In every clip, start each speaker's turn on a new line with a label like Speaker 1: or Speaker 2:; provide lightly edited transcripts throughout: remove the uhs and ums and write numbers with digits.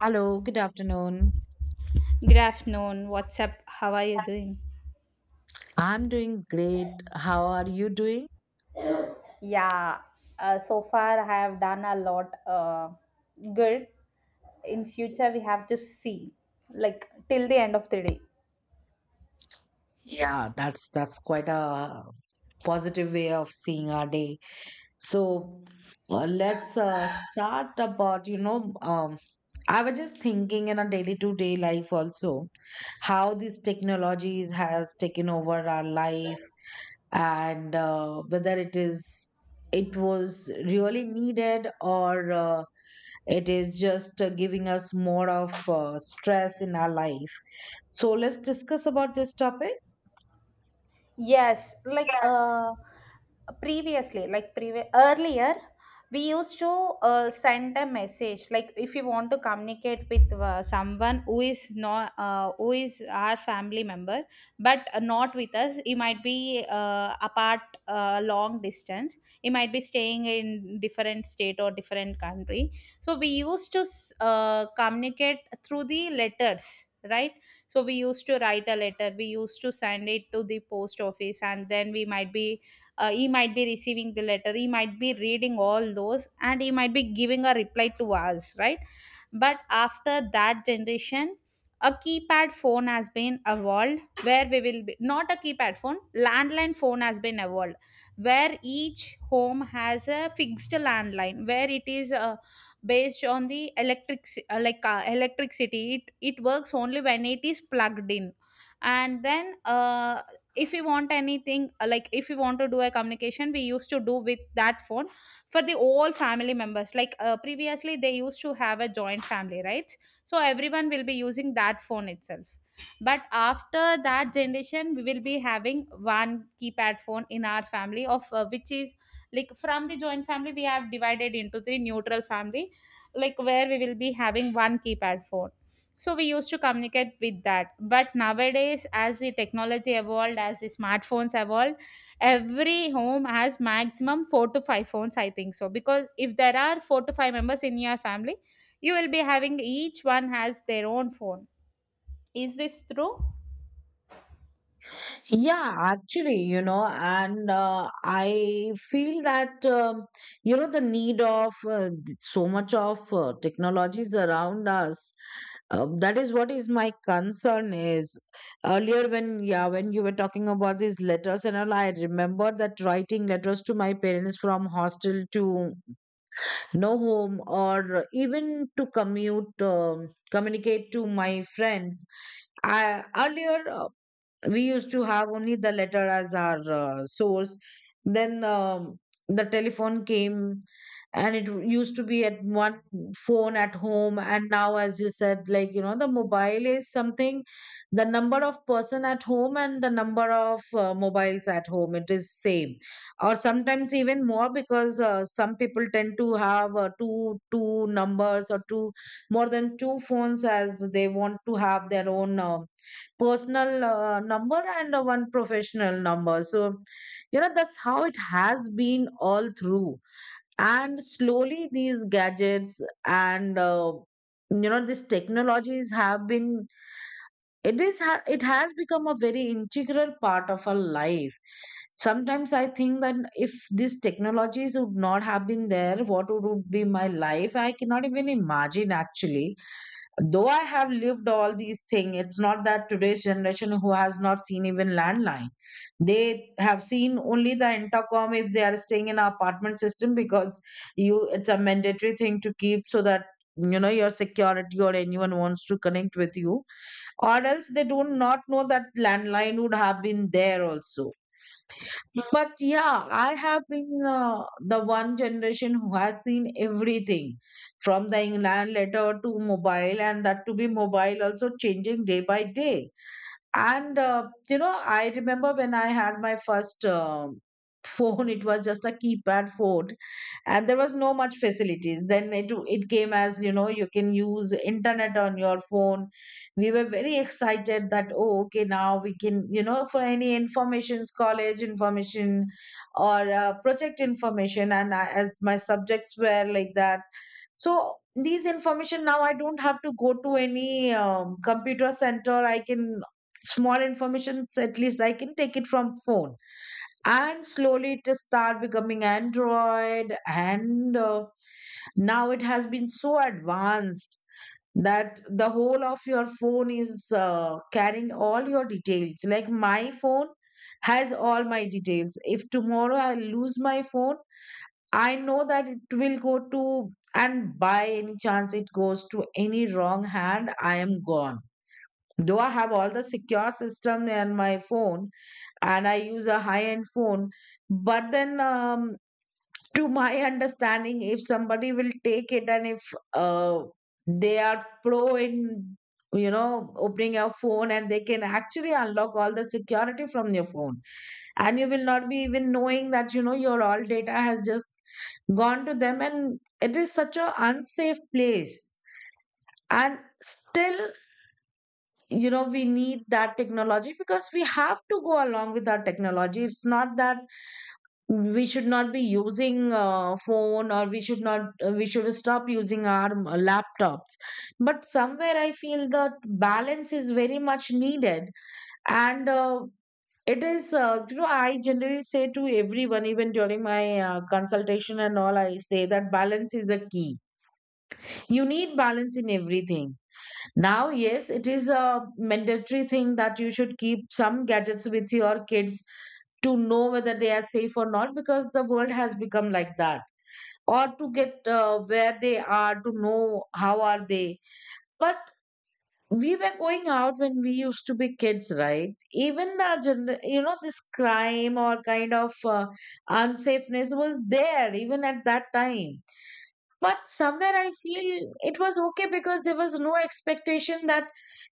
Speaker 1: Hello, good afternoon.
Speaker 2: Good known. What's up? How are you doing?
Speaker 1: I'm doing great. How are you doing?
Speaker 2: Yeah, so far I have done a lot good. In future, we have to see like till the end of the day.
Speaker 1: Yeah, that's quite a positive way of seeing our day. So, let's start about, I was just thinking in our daily to day life also how these technologies has taken over our life and whether it was really needed, or it is just giving us more of stress in our life. So let's discuss about this topic.
Speaker 2: Yes, like uh, Previously, like earlier, we used to send a message. Like if you want to communicate with someone who is not who is our family member, but not with us, he might be apart, long distance. He might be staying in different state or different country. So we used to communicate through the letters, right? So we used to write a letter, we used to send it to the post office, and then we might be, he might be receiving the letter, he might be reading all those, and he might be giving a reply to us, right? But after that generation, a keypad phone has been evolved where we will be, not a keypad phone, landline phone has been evolved, where each home has a fixed landline, where it is based on the electric, electricity. It works only when it is plugged in. And then, if we want anything, like if we want to do a communication, we used to do with that phone for the all family members. Previously, they used to have a joint family, right? So everyone will be using that phone itself. But after that generation, we will be having one keypad phone in our family, of which is, like, from the joint family we have divided into the neutral family, like, where we will be having one keypad phone. So we used to communicate with that. But nowadays, as the technology evolved, as the smartphones evolved, every home has maximum 4 to 5 phones, I think so, because if there are 4 to 5 members in your family, you will be having, each one has their own phone. Is this true?
Speaker 1: Yeah, actually, and I feel that, the need of so much of technologies around us. That is what is my concern is, earlier, when, yeah, when you were talking about these letters and all, I remember that writing letters to my parents from hostel to, no, home, or even to commute communicate to my friends. Earlier we used to have only the letter as our source. Then the telephone came, and it used to be at one phone at home. And now, as you said, like, the mobile is something. The number of person at home and the number of mobiles at home, it is same, or sometimes even more because some people tend to have two numbers, or two, more than two phones, as they want to have their own personal number and one professional number. So, that's how it has been all through. And slowly, these gadgets, and these technologies have been, it has become a very integral part of our life. Sometimes I think that if these technologies would not have been there, what would be my life? I cannot even imagine, actually. Though I have lived all these things, it's not that today's generation, who has not seen even landline. They have seen only the intercom, if they are staying in an apartment system, because you it's a mandatory thing to keep, so that you know, your security, or anyone wants to connect with you. Or else they do not know that landline would have been there also. But yeah, I have been the one generation who has seen everything, from the inland letter to mobile, and that to be mobile also changing day by day. And I remember when I had my first phone. It was just a keypad phone, and there was no much facilities. Then it came, as you know, you can use internet on your phone. We were very excited that, oh, okay, now we can, for any informations, college information, or project information. And as my subjects were like that, so these information now I don't have to go to any computer center. I can, small informations at least I can take it from phone. And slowly it start becoming android, and now it has been so advanced, that the whole of your phone is carrying all your details. Like my phone has all my details. If tomorrow I lose my phone, I know that it will go to, and by any chance it goes to any wrong hand, I am gone. Though I have all the secure system in my phone, and I use a high end phone. But then, to my understanding, if somebody will take it, and if uh, they are pro in opening your phone, and they can actually unlock all the security from your phone, and you will not be even knowing that, your all data has just gone to them, and it is such a unsafe place. And still, we need that technology, because we have to go along with our technology. It's not that we should not be using phone, or we should not, we should stop using our laptops. But somewhere I feel that balance is very much needed. And it is, I generally say to everyone, even during my consultation and all, I say that balance is a key. You need balance in everything. Now, yes, it is a mandatory thing that you should keep some gadgets with your kids, to know whether they are safe or not, because the world has become like that. Or to get where they are, to know how are they. But we were going out when we used to be kids, right? Even the this crime, or kind of unsafeness was there even at that time. But somewhere I feel it was okay, because there was no expectation that,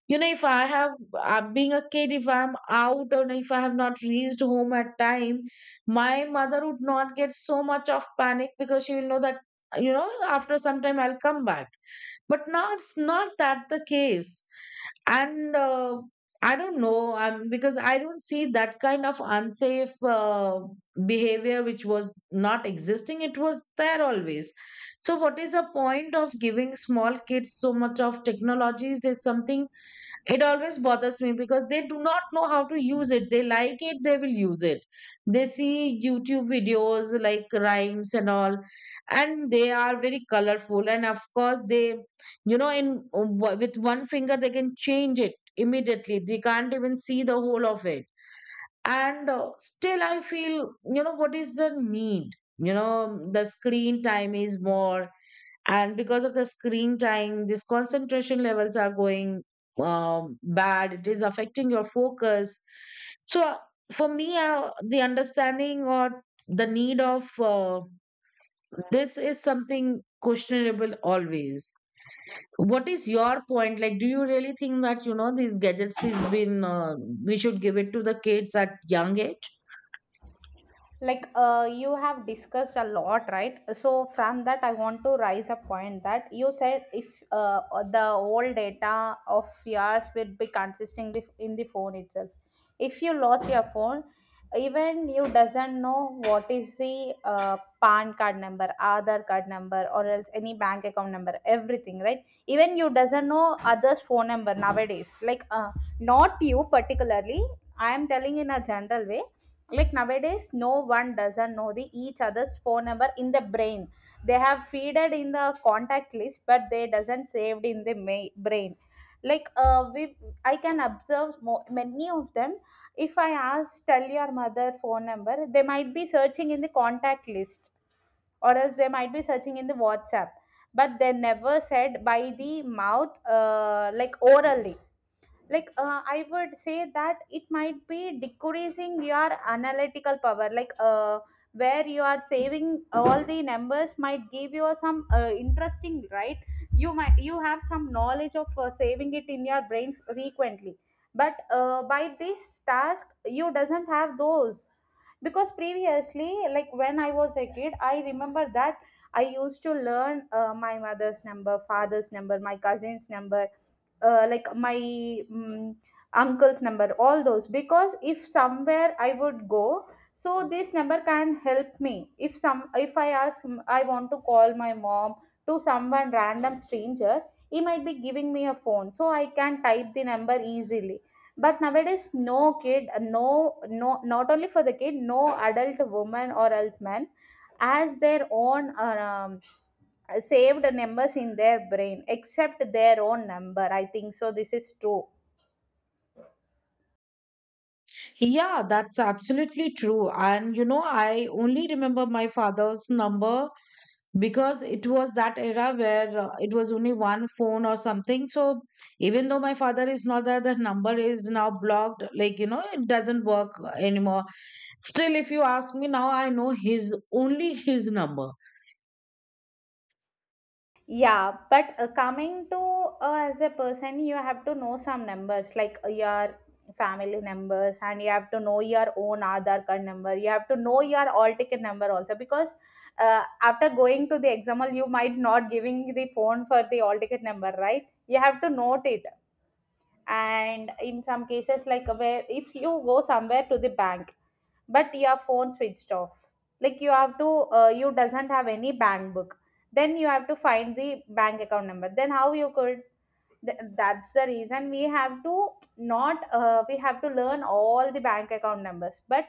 Speaker 1: if I have I'm being a kid, if I'm out, or if I have not reached home at time, my mother would not get so much of panic, because she will know that, after some time I'll come back. But now it's not that the case. And I don't know, because I don't see that kind of unsafe behavior, which was not existing, it was there always. So what is the point of giving small kids so much of technologies is something, it always bothers me, because they do not know how to use it, they like it, they will use it. They see YouTube videos like rhymes and all, and they are very colorful, and of course, they, in with one finger they can change it immediately, they can't even see the whole of it. And still I feel, what is the need, the screen time is more, and because of the screen time these concentration levels are going bad, it is affecting your focus. So for me, the understanding, or the need of this is something questionable always. What is your point? Like, do you really think that, these gadgets has been we should give it to the kids at young age?
Speaker 2: You have discussed a lot, right? So from that I want to raise a point that you said, if the old data of yours will be consisting in the phone itself. If you lost your phone, even you doesn't know what is the pan card number, other card number, or else any bank account number, everything, right? Even you doesn't know others phone number nowadays, not you particularly, I am telling in a general way. Like, nowadays no one doesn't know the each other's phone number in the brain. They have feeded in the contact list, but they doesn't saved in the brain. Like we I can observe many of them. If I ask, tell your mother phone number, they might be searching in the contact list, or else they might be searching in the WhatsApp, but they never said by the mouth, like, orally. I would say that it might be decreasing your analytical power, where you are saving all the numbers might give you some interesting, right? You might, you have some knowledge of saving it in your brain frequently, but by this task you doesn't have those. Because previously, like, when I was a kid, I remember that I used to learn my mother's number, father's number, my cousin's number, like my mm uncle's number, all those, because if somewhere I would go, so this number can help me. If some, if I ask, I want to call my mom, to someone random stranger, he might be giving me a phone, so I can type the number easily. But nowadays no kid, no, no, not only for the kid, no adult woman or else man has their own saved numbers in their brain except their own number, I think so. This is true.
Speaker 1: Yeah, that's absolutely true. And I only remember my father's number, because it was that era where it was only one phone or something. So even though my father is not there, the number is now blocked, like, it doesn't work anymore. Still, if you ask me now, I know his, only his number.
Speaker 2: Yeah, but coming to, as a person, you have to know some numbers, like your family numbers, and you have to know your own Aadhaar card number. You have to know your all ticket number also, because after going to the exam hall, you might not giving the phone for the all ticket number, right? You have to note it. And in some cases, like, where if you go somewhere to the bank but your phone switched off, like, you have to, you doesn't have any bank book, then you have to find the bank account number. Then how you could, that's the reason we have to, not we have to learn all the bank account numbers, but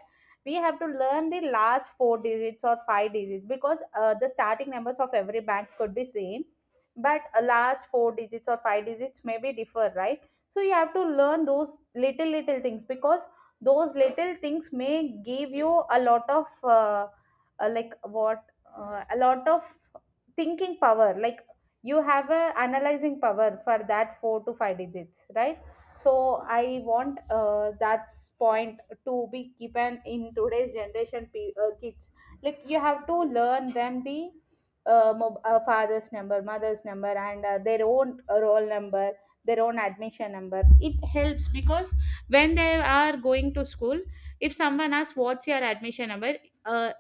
Speaker 2: we have to learn the last four digits or five digits, because the starting numbers of every bank could be same, but last four digits or five digits may be differ, right? So you have to learn those little little things, because those little things may give you a lot of, like what a lot of thinking power, like, you have a analyzing power for that four to five digits, right? So I want, that's point to be given in today's generation, kids. Like, you have to learn them the father's number, mother's number, and their own roll number, their own admission number. It helps, because when they are going to school, if someone asks, what's your admission number, uh,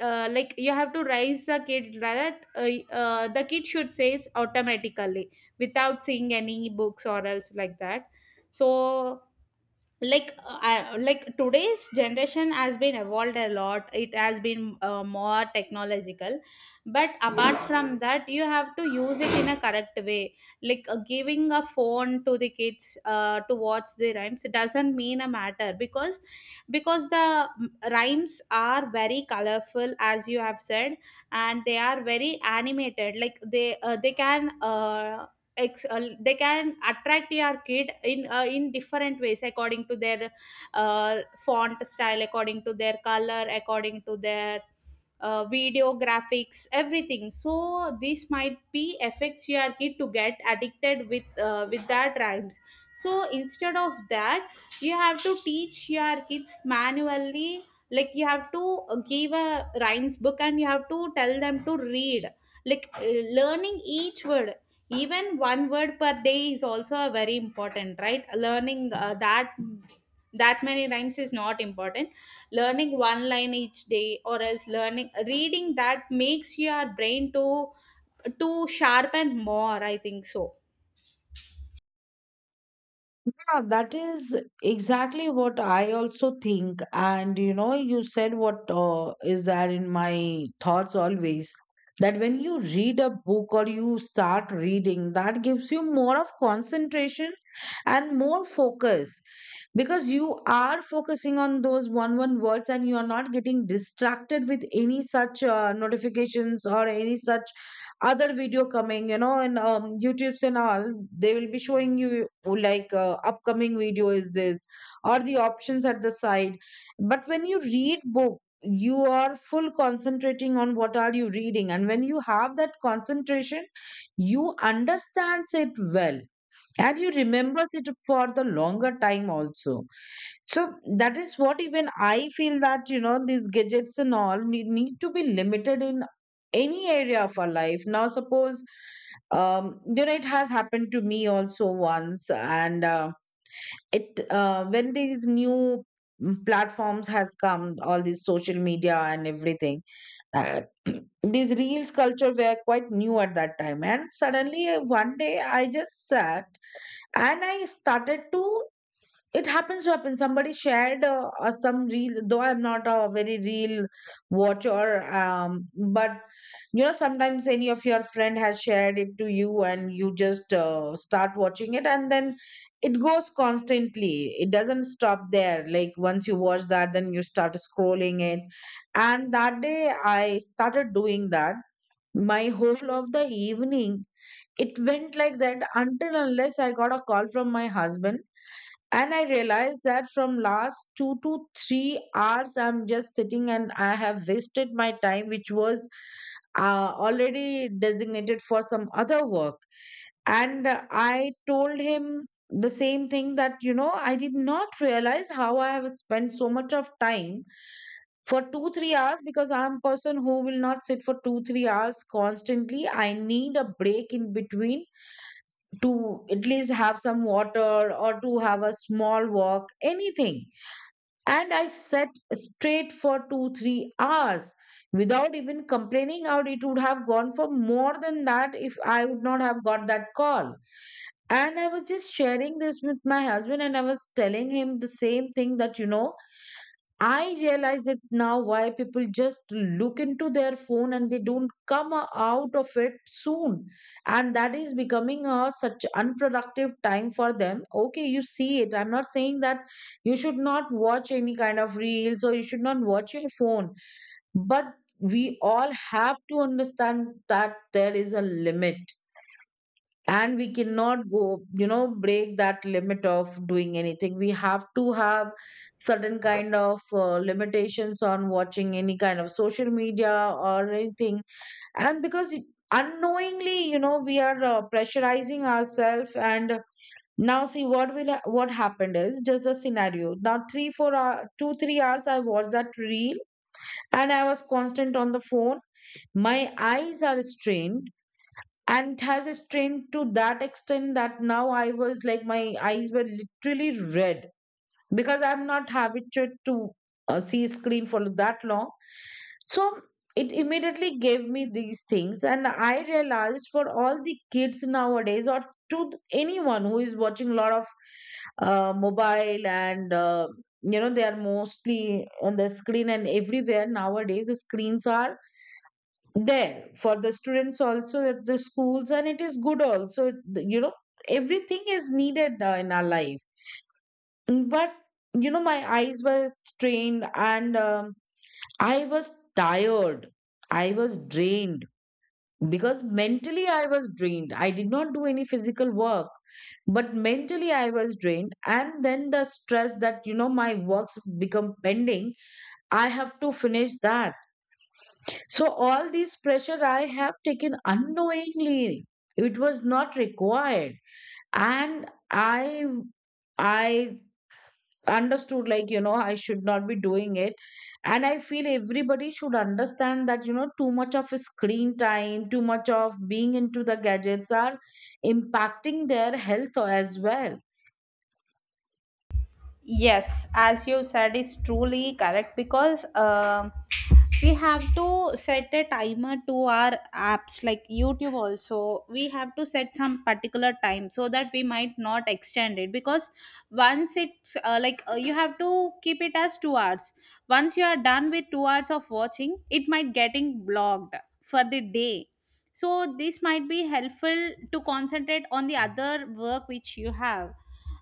Speaker 2: like, you have to raise the kid like that. The kid should say automatically, without seeing any books or else, like that. So, like, today's generation has been evolved a lot, it has been more technological, but apart from that, you have to use it in a correct way. Giving a phone to the kids to watch the rhymes, it doesn't mean a matter, because the rhymes are very colorful, as you have said, and they are very animated. Like, they, they can, they can attract your kid in, in different ways, according to their uh, font style, according to their color, according to their video graphics, everything. So this might be affects your kid to get addicted with that rhymes. So instead of that, you have to teach your kids manually. Like, you have to give a rhymes book and you have to tell them to read, like uh, learning each word. Even one word per day is also a very important, right? Learning that, that many rhymes is not important. Learning one line each day or else learning reading, that makes your brain to sharpen more, I think so.
Speaker 1: Yeah, that is exactly what I also think. And you said what is there in my thoughts always, that when you read a book, or you start reading, that gives you more of concentration and more focus. Because you are focusing on those one words, and you are not getting distracted with any such notifications, or any such other video coming, you know, and youtubes and all. They will be showing you like, upcoming video is this, or the options at the side. But when you read book, you are full concentrating on what are you reading, and when you have that concentration, you understands it well, and you remembers it for the longer time also. So that is what even I feel, that, these gadgets and all need to be limited in any area of our life. Now suppose, you know, it has happened to me also once, and it when these new, platforms has come, all these social media and everything. uh, these reels culture were quite new at that time, and suddenly one day I just sat, and I started to it happens to happen somebody shared some reel. Though I'm not a very real watcher, but you know, sometimes any of your friend has shared it to you, and you just start watching it, and then it goes constantly, it doesn't stop there. Like once you watch that, then you start scrolling it. And that day I started doing that. My whole of the evening it went like that, until unless I got a call from my husband. And I realized that from last 2 to 3 hours I'm just sitting, and I have wasted my time, which was already designated for some other work. And I told him the same thing, that, I did not realize how I have spent so much of time for 2, 3 hours, because I'm a person who will not sit for 2, 3 hours constantly. I need a break in between, to at least have some water, or to have a small walk, anything. And I sat straight for 2, 3 hours without even complaining out. It would have gone for more than that if I would not have got that call. And I was just sharing this with my husband, and I was telling him the same thing that, you know, I realize it now why people just look into their phone and they don't come out of it soon. And that is becoming a such unproductive time for them. Okay, you see it. I'm not saying that you should not watch any kind of reels or you should not watch your phone. But we all have to understand that there is a limit and we cannot go break that limit of doing anything. We have to have certain kind of limitations on watching any kind of social media or anything, and because unknowingly we are pressurizing ourselves. And now see what will what happened is just the scenario now: 3 4 hour, 2 3 hours I watched that reel and I was constant on the phone. My eyes are strained, and it has a strain to that extent that now I was like my eyes were literally red because I'm not habituated to see screen for that long. So it immediately gave me these things, and I realized for all the kids nowadays, or to anyone who is watching a lot of mobile and they are mostly on the screen. And everywhere nowadays the screens are there for the students also at the schools, and it is good also. You know everything is needed in our life. But my eyes were strained and I was tired, I was drained, because mentally I was drained. I did not do any physical work, but mentally I was drained, and then the stress that my works become pending, I have to finish that. So all this pressure I have taken unknowingly. It was not required. And I understood like, you know, I should not be doing it. And I feel everybody should understand that, you know, too much of screen time, too much of being into the gadgets are impacting their health as well.
Speaker 2: Yes, as you said, is truly correct, because we have to set a timer to our apps, like YouTube also. We have to set some particular time so that we might not extend it, because once it's, you have to keep it as 2 hours. Once you are done with 2 hours of watching, it might getting blocked for the day. So this might be helpful to concentrate on the other work which you have.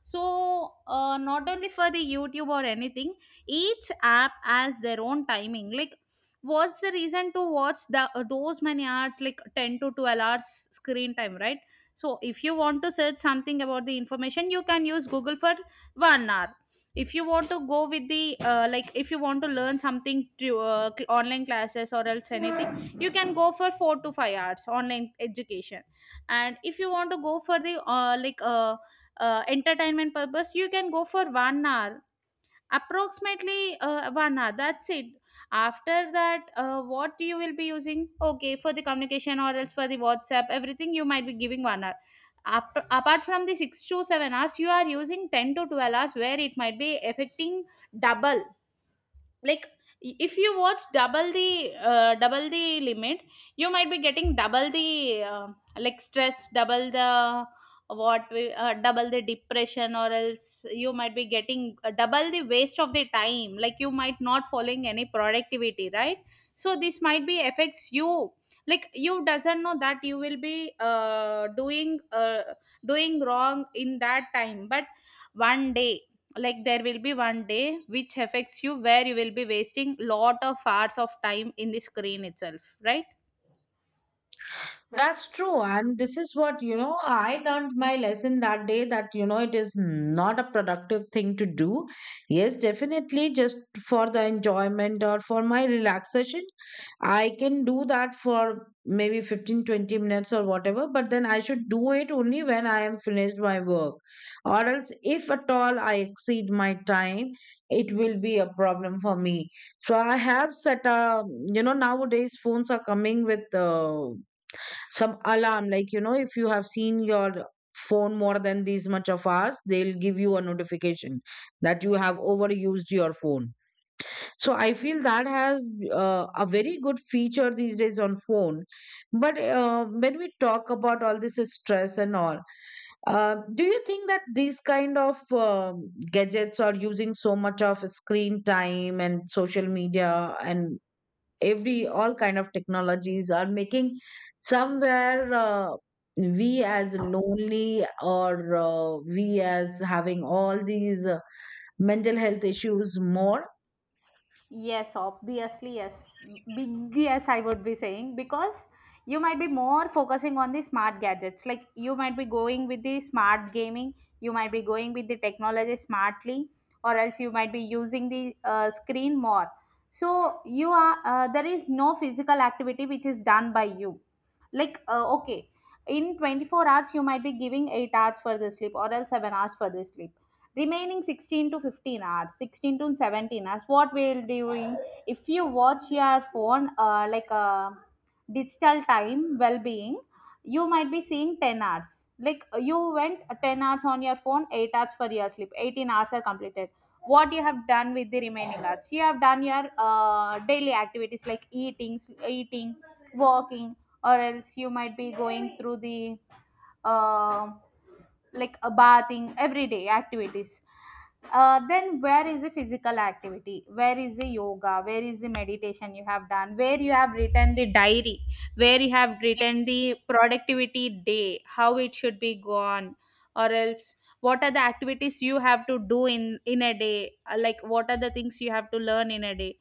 Speaker 2: So not only for the YouTube or anything, each app has their own timing. Like, what's the reason to watch the those many hours, like 10 to 12 hours screen time, right? So if you want to search something about the information, you can use Google for 1 hour. If you want to go with the, if you want to learn something through online classes or else anything, you can go for 4 to 5 hours online education. And if you want to go for the, entertainment purpose, you can go for 1 hour, approximately 1 hour, that's it. After that, what you will be using, okay, for the communication or else for the WhatsApp, everything, you might be giving 1 hour. Apart from the 6 to 7 hours, you are using 10 to 12 hours, where it might be affecting double. Like, if you watch double the, double the limit, you might be getting double the, uh, stress, double the, double the depression, or else you might be getting double the waste of the time, like, you might not following any productivity, right? So this might be affects you. Like, you doesn't know that you will be doing wrong in that time, but one day, like, there will be one day which affects you, where you will be wasting lot of hours of time in the screen itself, right?
Speaker 1: That's true. And this is what, you know, I learned my lesson that day, that, you know, it is not a productive thing to do. Yes, definitely, just for the enjoyment or for my relaxation, I can do that for maybe 15, 20 minutes or whatever, but then I should do it only when I am finished my work. Or else, if at all I exceed my time, it will be a problem for me. So I have set a, you know, nowadays phones are coming with some alarm. Like if you have seen your phone more than these much of hours, they'll give you a notification that you have overused your phone. So I feel that has a very good feature these days on phone. But when we talk about all this stress and all, do you think that these kind of gadgets or using so much of screen time and social media and every all kind of technologies are making somewhere we as lonely or we as having all these mental health issues more?
Speaker 2: Yes, obviously, yes. Big yes, I would be saying, because you might be more focusing on the smart gadgets. Like, you might be going with the smart gaming, you might be going with the technology smartly, or else you might be using the screen more. So you are there is no physical activity which is done by you. Okay, in 24 hours you might be giving 8 hours for the sleep, or else 7 hours for the sleep. Remaining 16 to 15 hours, 16 to 17 hours what we'll doing? If you watch your phone, like a digital time well-being, you might be seeing 10 hours. Like you went 10 hours on your phone, 8 hours for your sleep, 18 hours are completed. What you have done with the remaining hours? You have done your daily activities like eating, walking, or else you might be going through the uh, like a bathing everyday activities. Then where is the physical activity, where is the yoga, where is the meditation you have done, where you have written the diary, where you have written the productivity day how it should be gone? Or else what are the activities you have to do in a day? Like what are the things you have to learn in a day?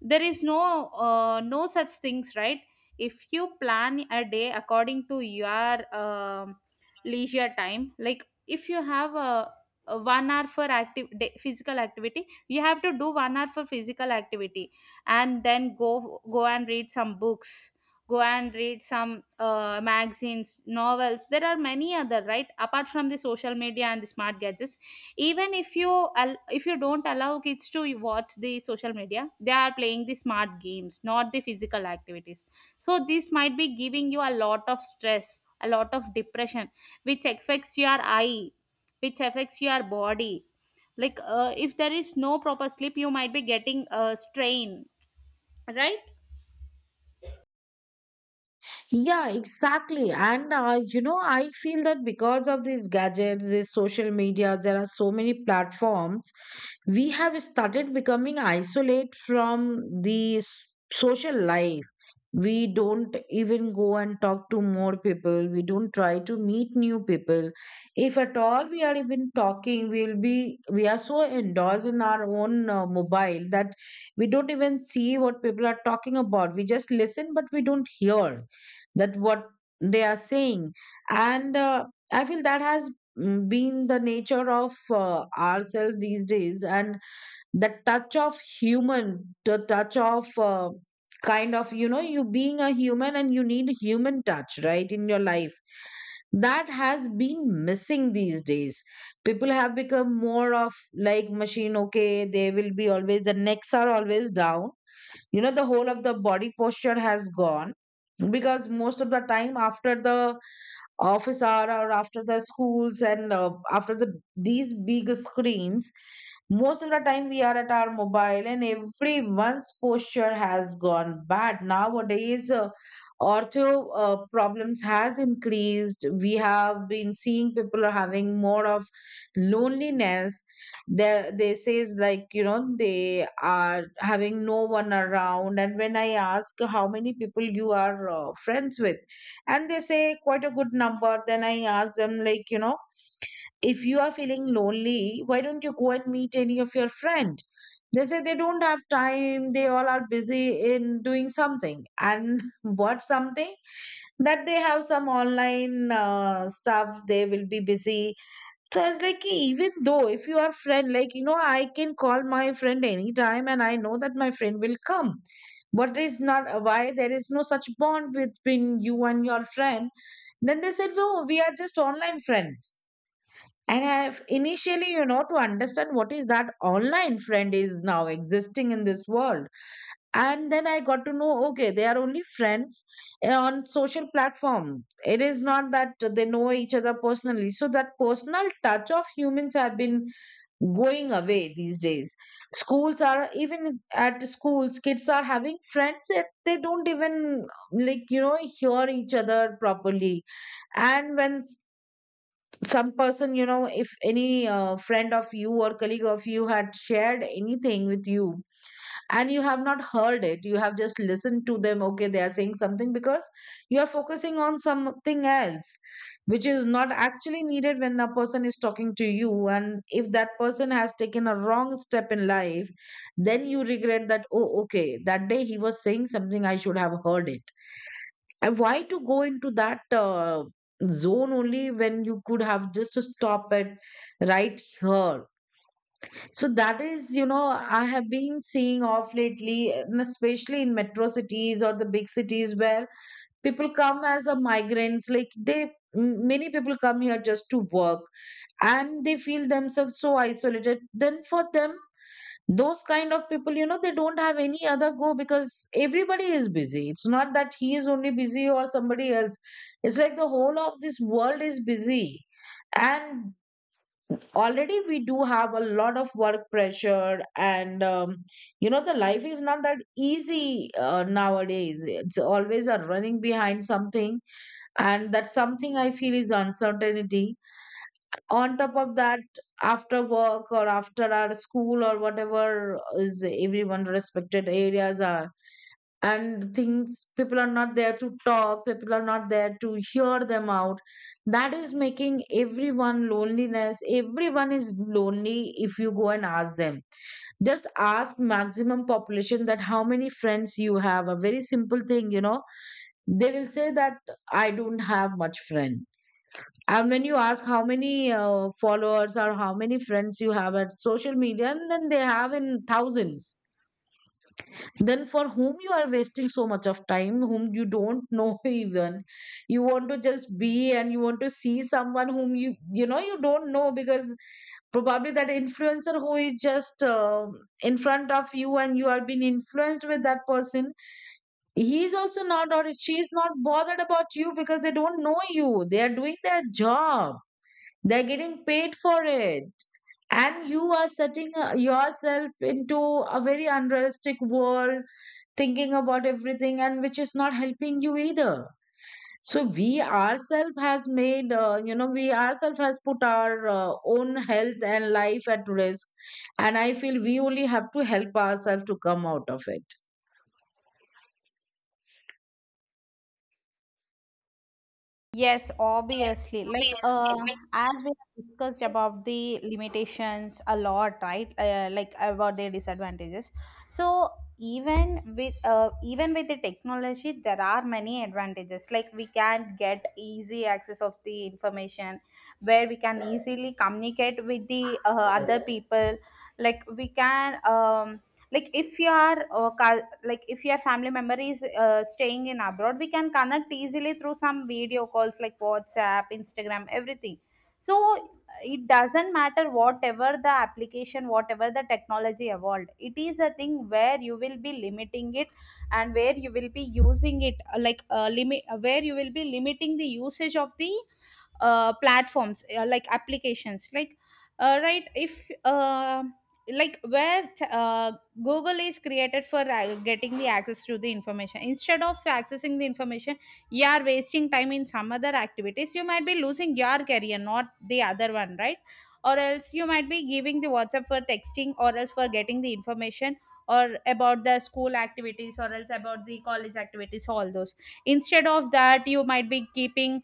Speaker 2: There is no no such things, right? If you plan a day according to your leisure time, like if you have a 1 hour for active day, physical activity, you have to do 1 hour for physical activity, and then go and read some books, go and read some magazines, novels. There are many other, right, apart from the social media and the smart gadgets. Even if you if you don't allow kids to watch the social media, they are playing the smart games, not the physical activities. So this might be giving you a lot of stress, a lot of depression, which affects your eye, which affects your body. Like if there is no proper sleep, you might be getting a strain, right?
Speaker 1: Yeah, exactly, and I feel that because of these gadgets, these social media, there are so many platforms we have started becoming isolate from the social life. We don't even go and talk to more people, we don't try to meet new people. If at all we are even talking, we are so endorsed in our own mobile that we don't even see what people are talking about. We just listen but we don't hear that what they are saying. And I feel that has been the nature of ourselves these days, and the touch of human, the touch of kind of you being a human and you need human touch right in your life, that has been missing these days. People have become more of like machine. Okay, they will be always, the necks are always down. You know the whole of the body posture has gone, because most of the time after the office hour or after the schools and after the these big screens, most of the time we are at our mobile, and everyone's posture has gone bad nowadays. Ortho problems has increased. We have been seeing people are having more of loneliness. They says like they are having no one around, and when I ask how many people you are friends with, and they say quite a good number, then I ask them like, if you are feeling lonely, why don't you go and meet any of your friend? They say they don't have time, they all are busy in doing something, and what something? That they have some online stuff they will be busy. So I was like, "Hey, even though if you are friend, like, I can call my friend anytime and I know that my friend will come. But is not why there is no such bond between you and your friend." Then they said, no, we are just online friends. And I have initially, to understand what is that online friend is now existing in this world. And then I got to know, okay, they are only friends on social platform. It is not that they know each other personally. So that personal touch of humans have been going away these days. Schools, are even at schools kids are having friends that they don't even like hear each other properly. And when some person, if any friend of you or colleague of you had shared anything with you, and you have not heard it, you have just listened to them, okay, they are saying something because you are focusing on something else, which is not actually needed when a person is talking to you. And if that person has taken a wrong step in life, then you regret that, oh, okay, that day he was saying something, I should have heard it. And why to go into that zone only when you could have just stopped it right here? So that is, I have been seeing off lately, and especially in metro cities or the big cities where people come as a migrants. Like they, many people come here just to work and they feel themselves so isolated. Then for them, those kind of people, they don't have any other go because everybody is busy. It's not that he is only busy or somebody else. It's like the whole of this world is busy. And already we do have a lot of work pressure, and the life is not that easy nowadays. It's always a running behind something, and that something I feel is uncertainty. On top of that, after work or after our school or whatever is everyone respected areas are, and things, people are not there to talk, people are not there to hear them out. That is making everyone loneliness. Everyone is lonely. If you go and ask them, just ask maximum population, that how many friends you have? A very simple thing. You know they will say that I don't have much friend. And when you ask how many followers or how many friends you have at social media, and then they have in thousands, then for whom you are wasting so much of time, whom you don't know even? You want to just be and you want to see someone whom you you know you don't know, because probably that influencer who is just in front of you, and you are being influenced with that person. He is also not, or she is not, bothered about you because they don't know you. They are doing their job, they're getting paid for it. And you are setting yourself into a very unrealistic world, thinking about everything, and which is not helping you either. So we ourselves has made, we ourselves has put our own health and life at risk, and I feel we only have to help ourselves to come out of it.
Speaker 2: Yes, obviously. Like as we have discussed about the limitations a lot, right? Like about their disadvantages. So even with the technology, there are many advantages. Like we can get easy access of the information, where we can easily communicate with the other people. Like we can like if your like if your family member is staying in abroad, we can connect easily through some video calls like WhatsApp, Instagram, everything. So it doesn't matter whatever the application, whatever the technology evolved, it is a thing where you will be limiting it, and where you will be using it, limit where you will be limiting the usage of the platforms, like applications. Right, if like where Google is created for getting the access to the information. Instead of accessing the information, you are wasting time in some other activities. You might be losing your career, not the other one, right? Or else you might be giving the WhatsApp for texting, or else for getting the information, or about the school activities, or else about the college activities, all those. Instead of that, you might be keeping,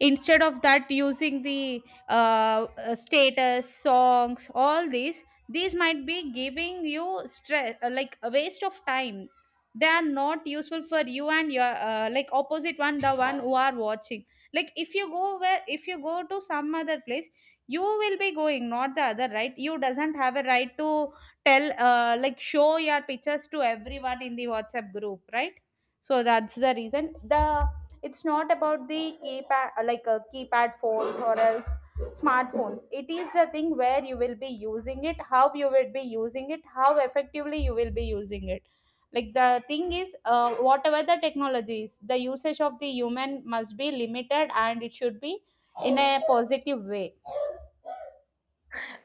Speaker 2: instead of that, using the status songs, all these. These might be giving you stress, like a waste of time. They are not useful for you and your like opposite one, the one who are watching. Like if you go, where if you go to some other place, you will be going, not the other, right? You doesn't have a right to tell, like show your pictures to everyone in the WhatsApp group, right? So that's the reason, the it's not about the keypad, like a keypad phones or else smartphones. It is a thing where you will be using it, how you will be using it, how effectively you will be using it. Like the thing is, whatever the technology is, the usage of the human must be limited, and it should be in a positive way.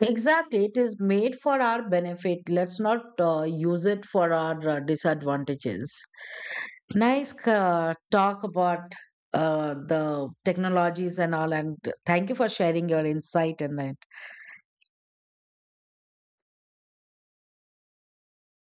Speaker 1: Exactly, it is made for our benefit. Let's not use it for our disadvantages. Nice talk about the technologies and all, and thank you for sharing your insight and the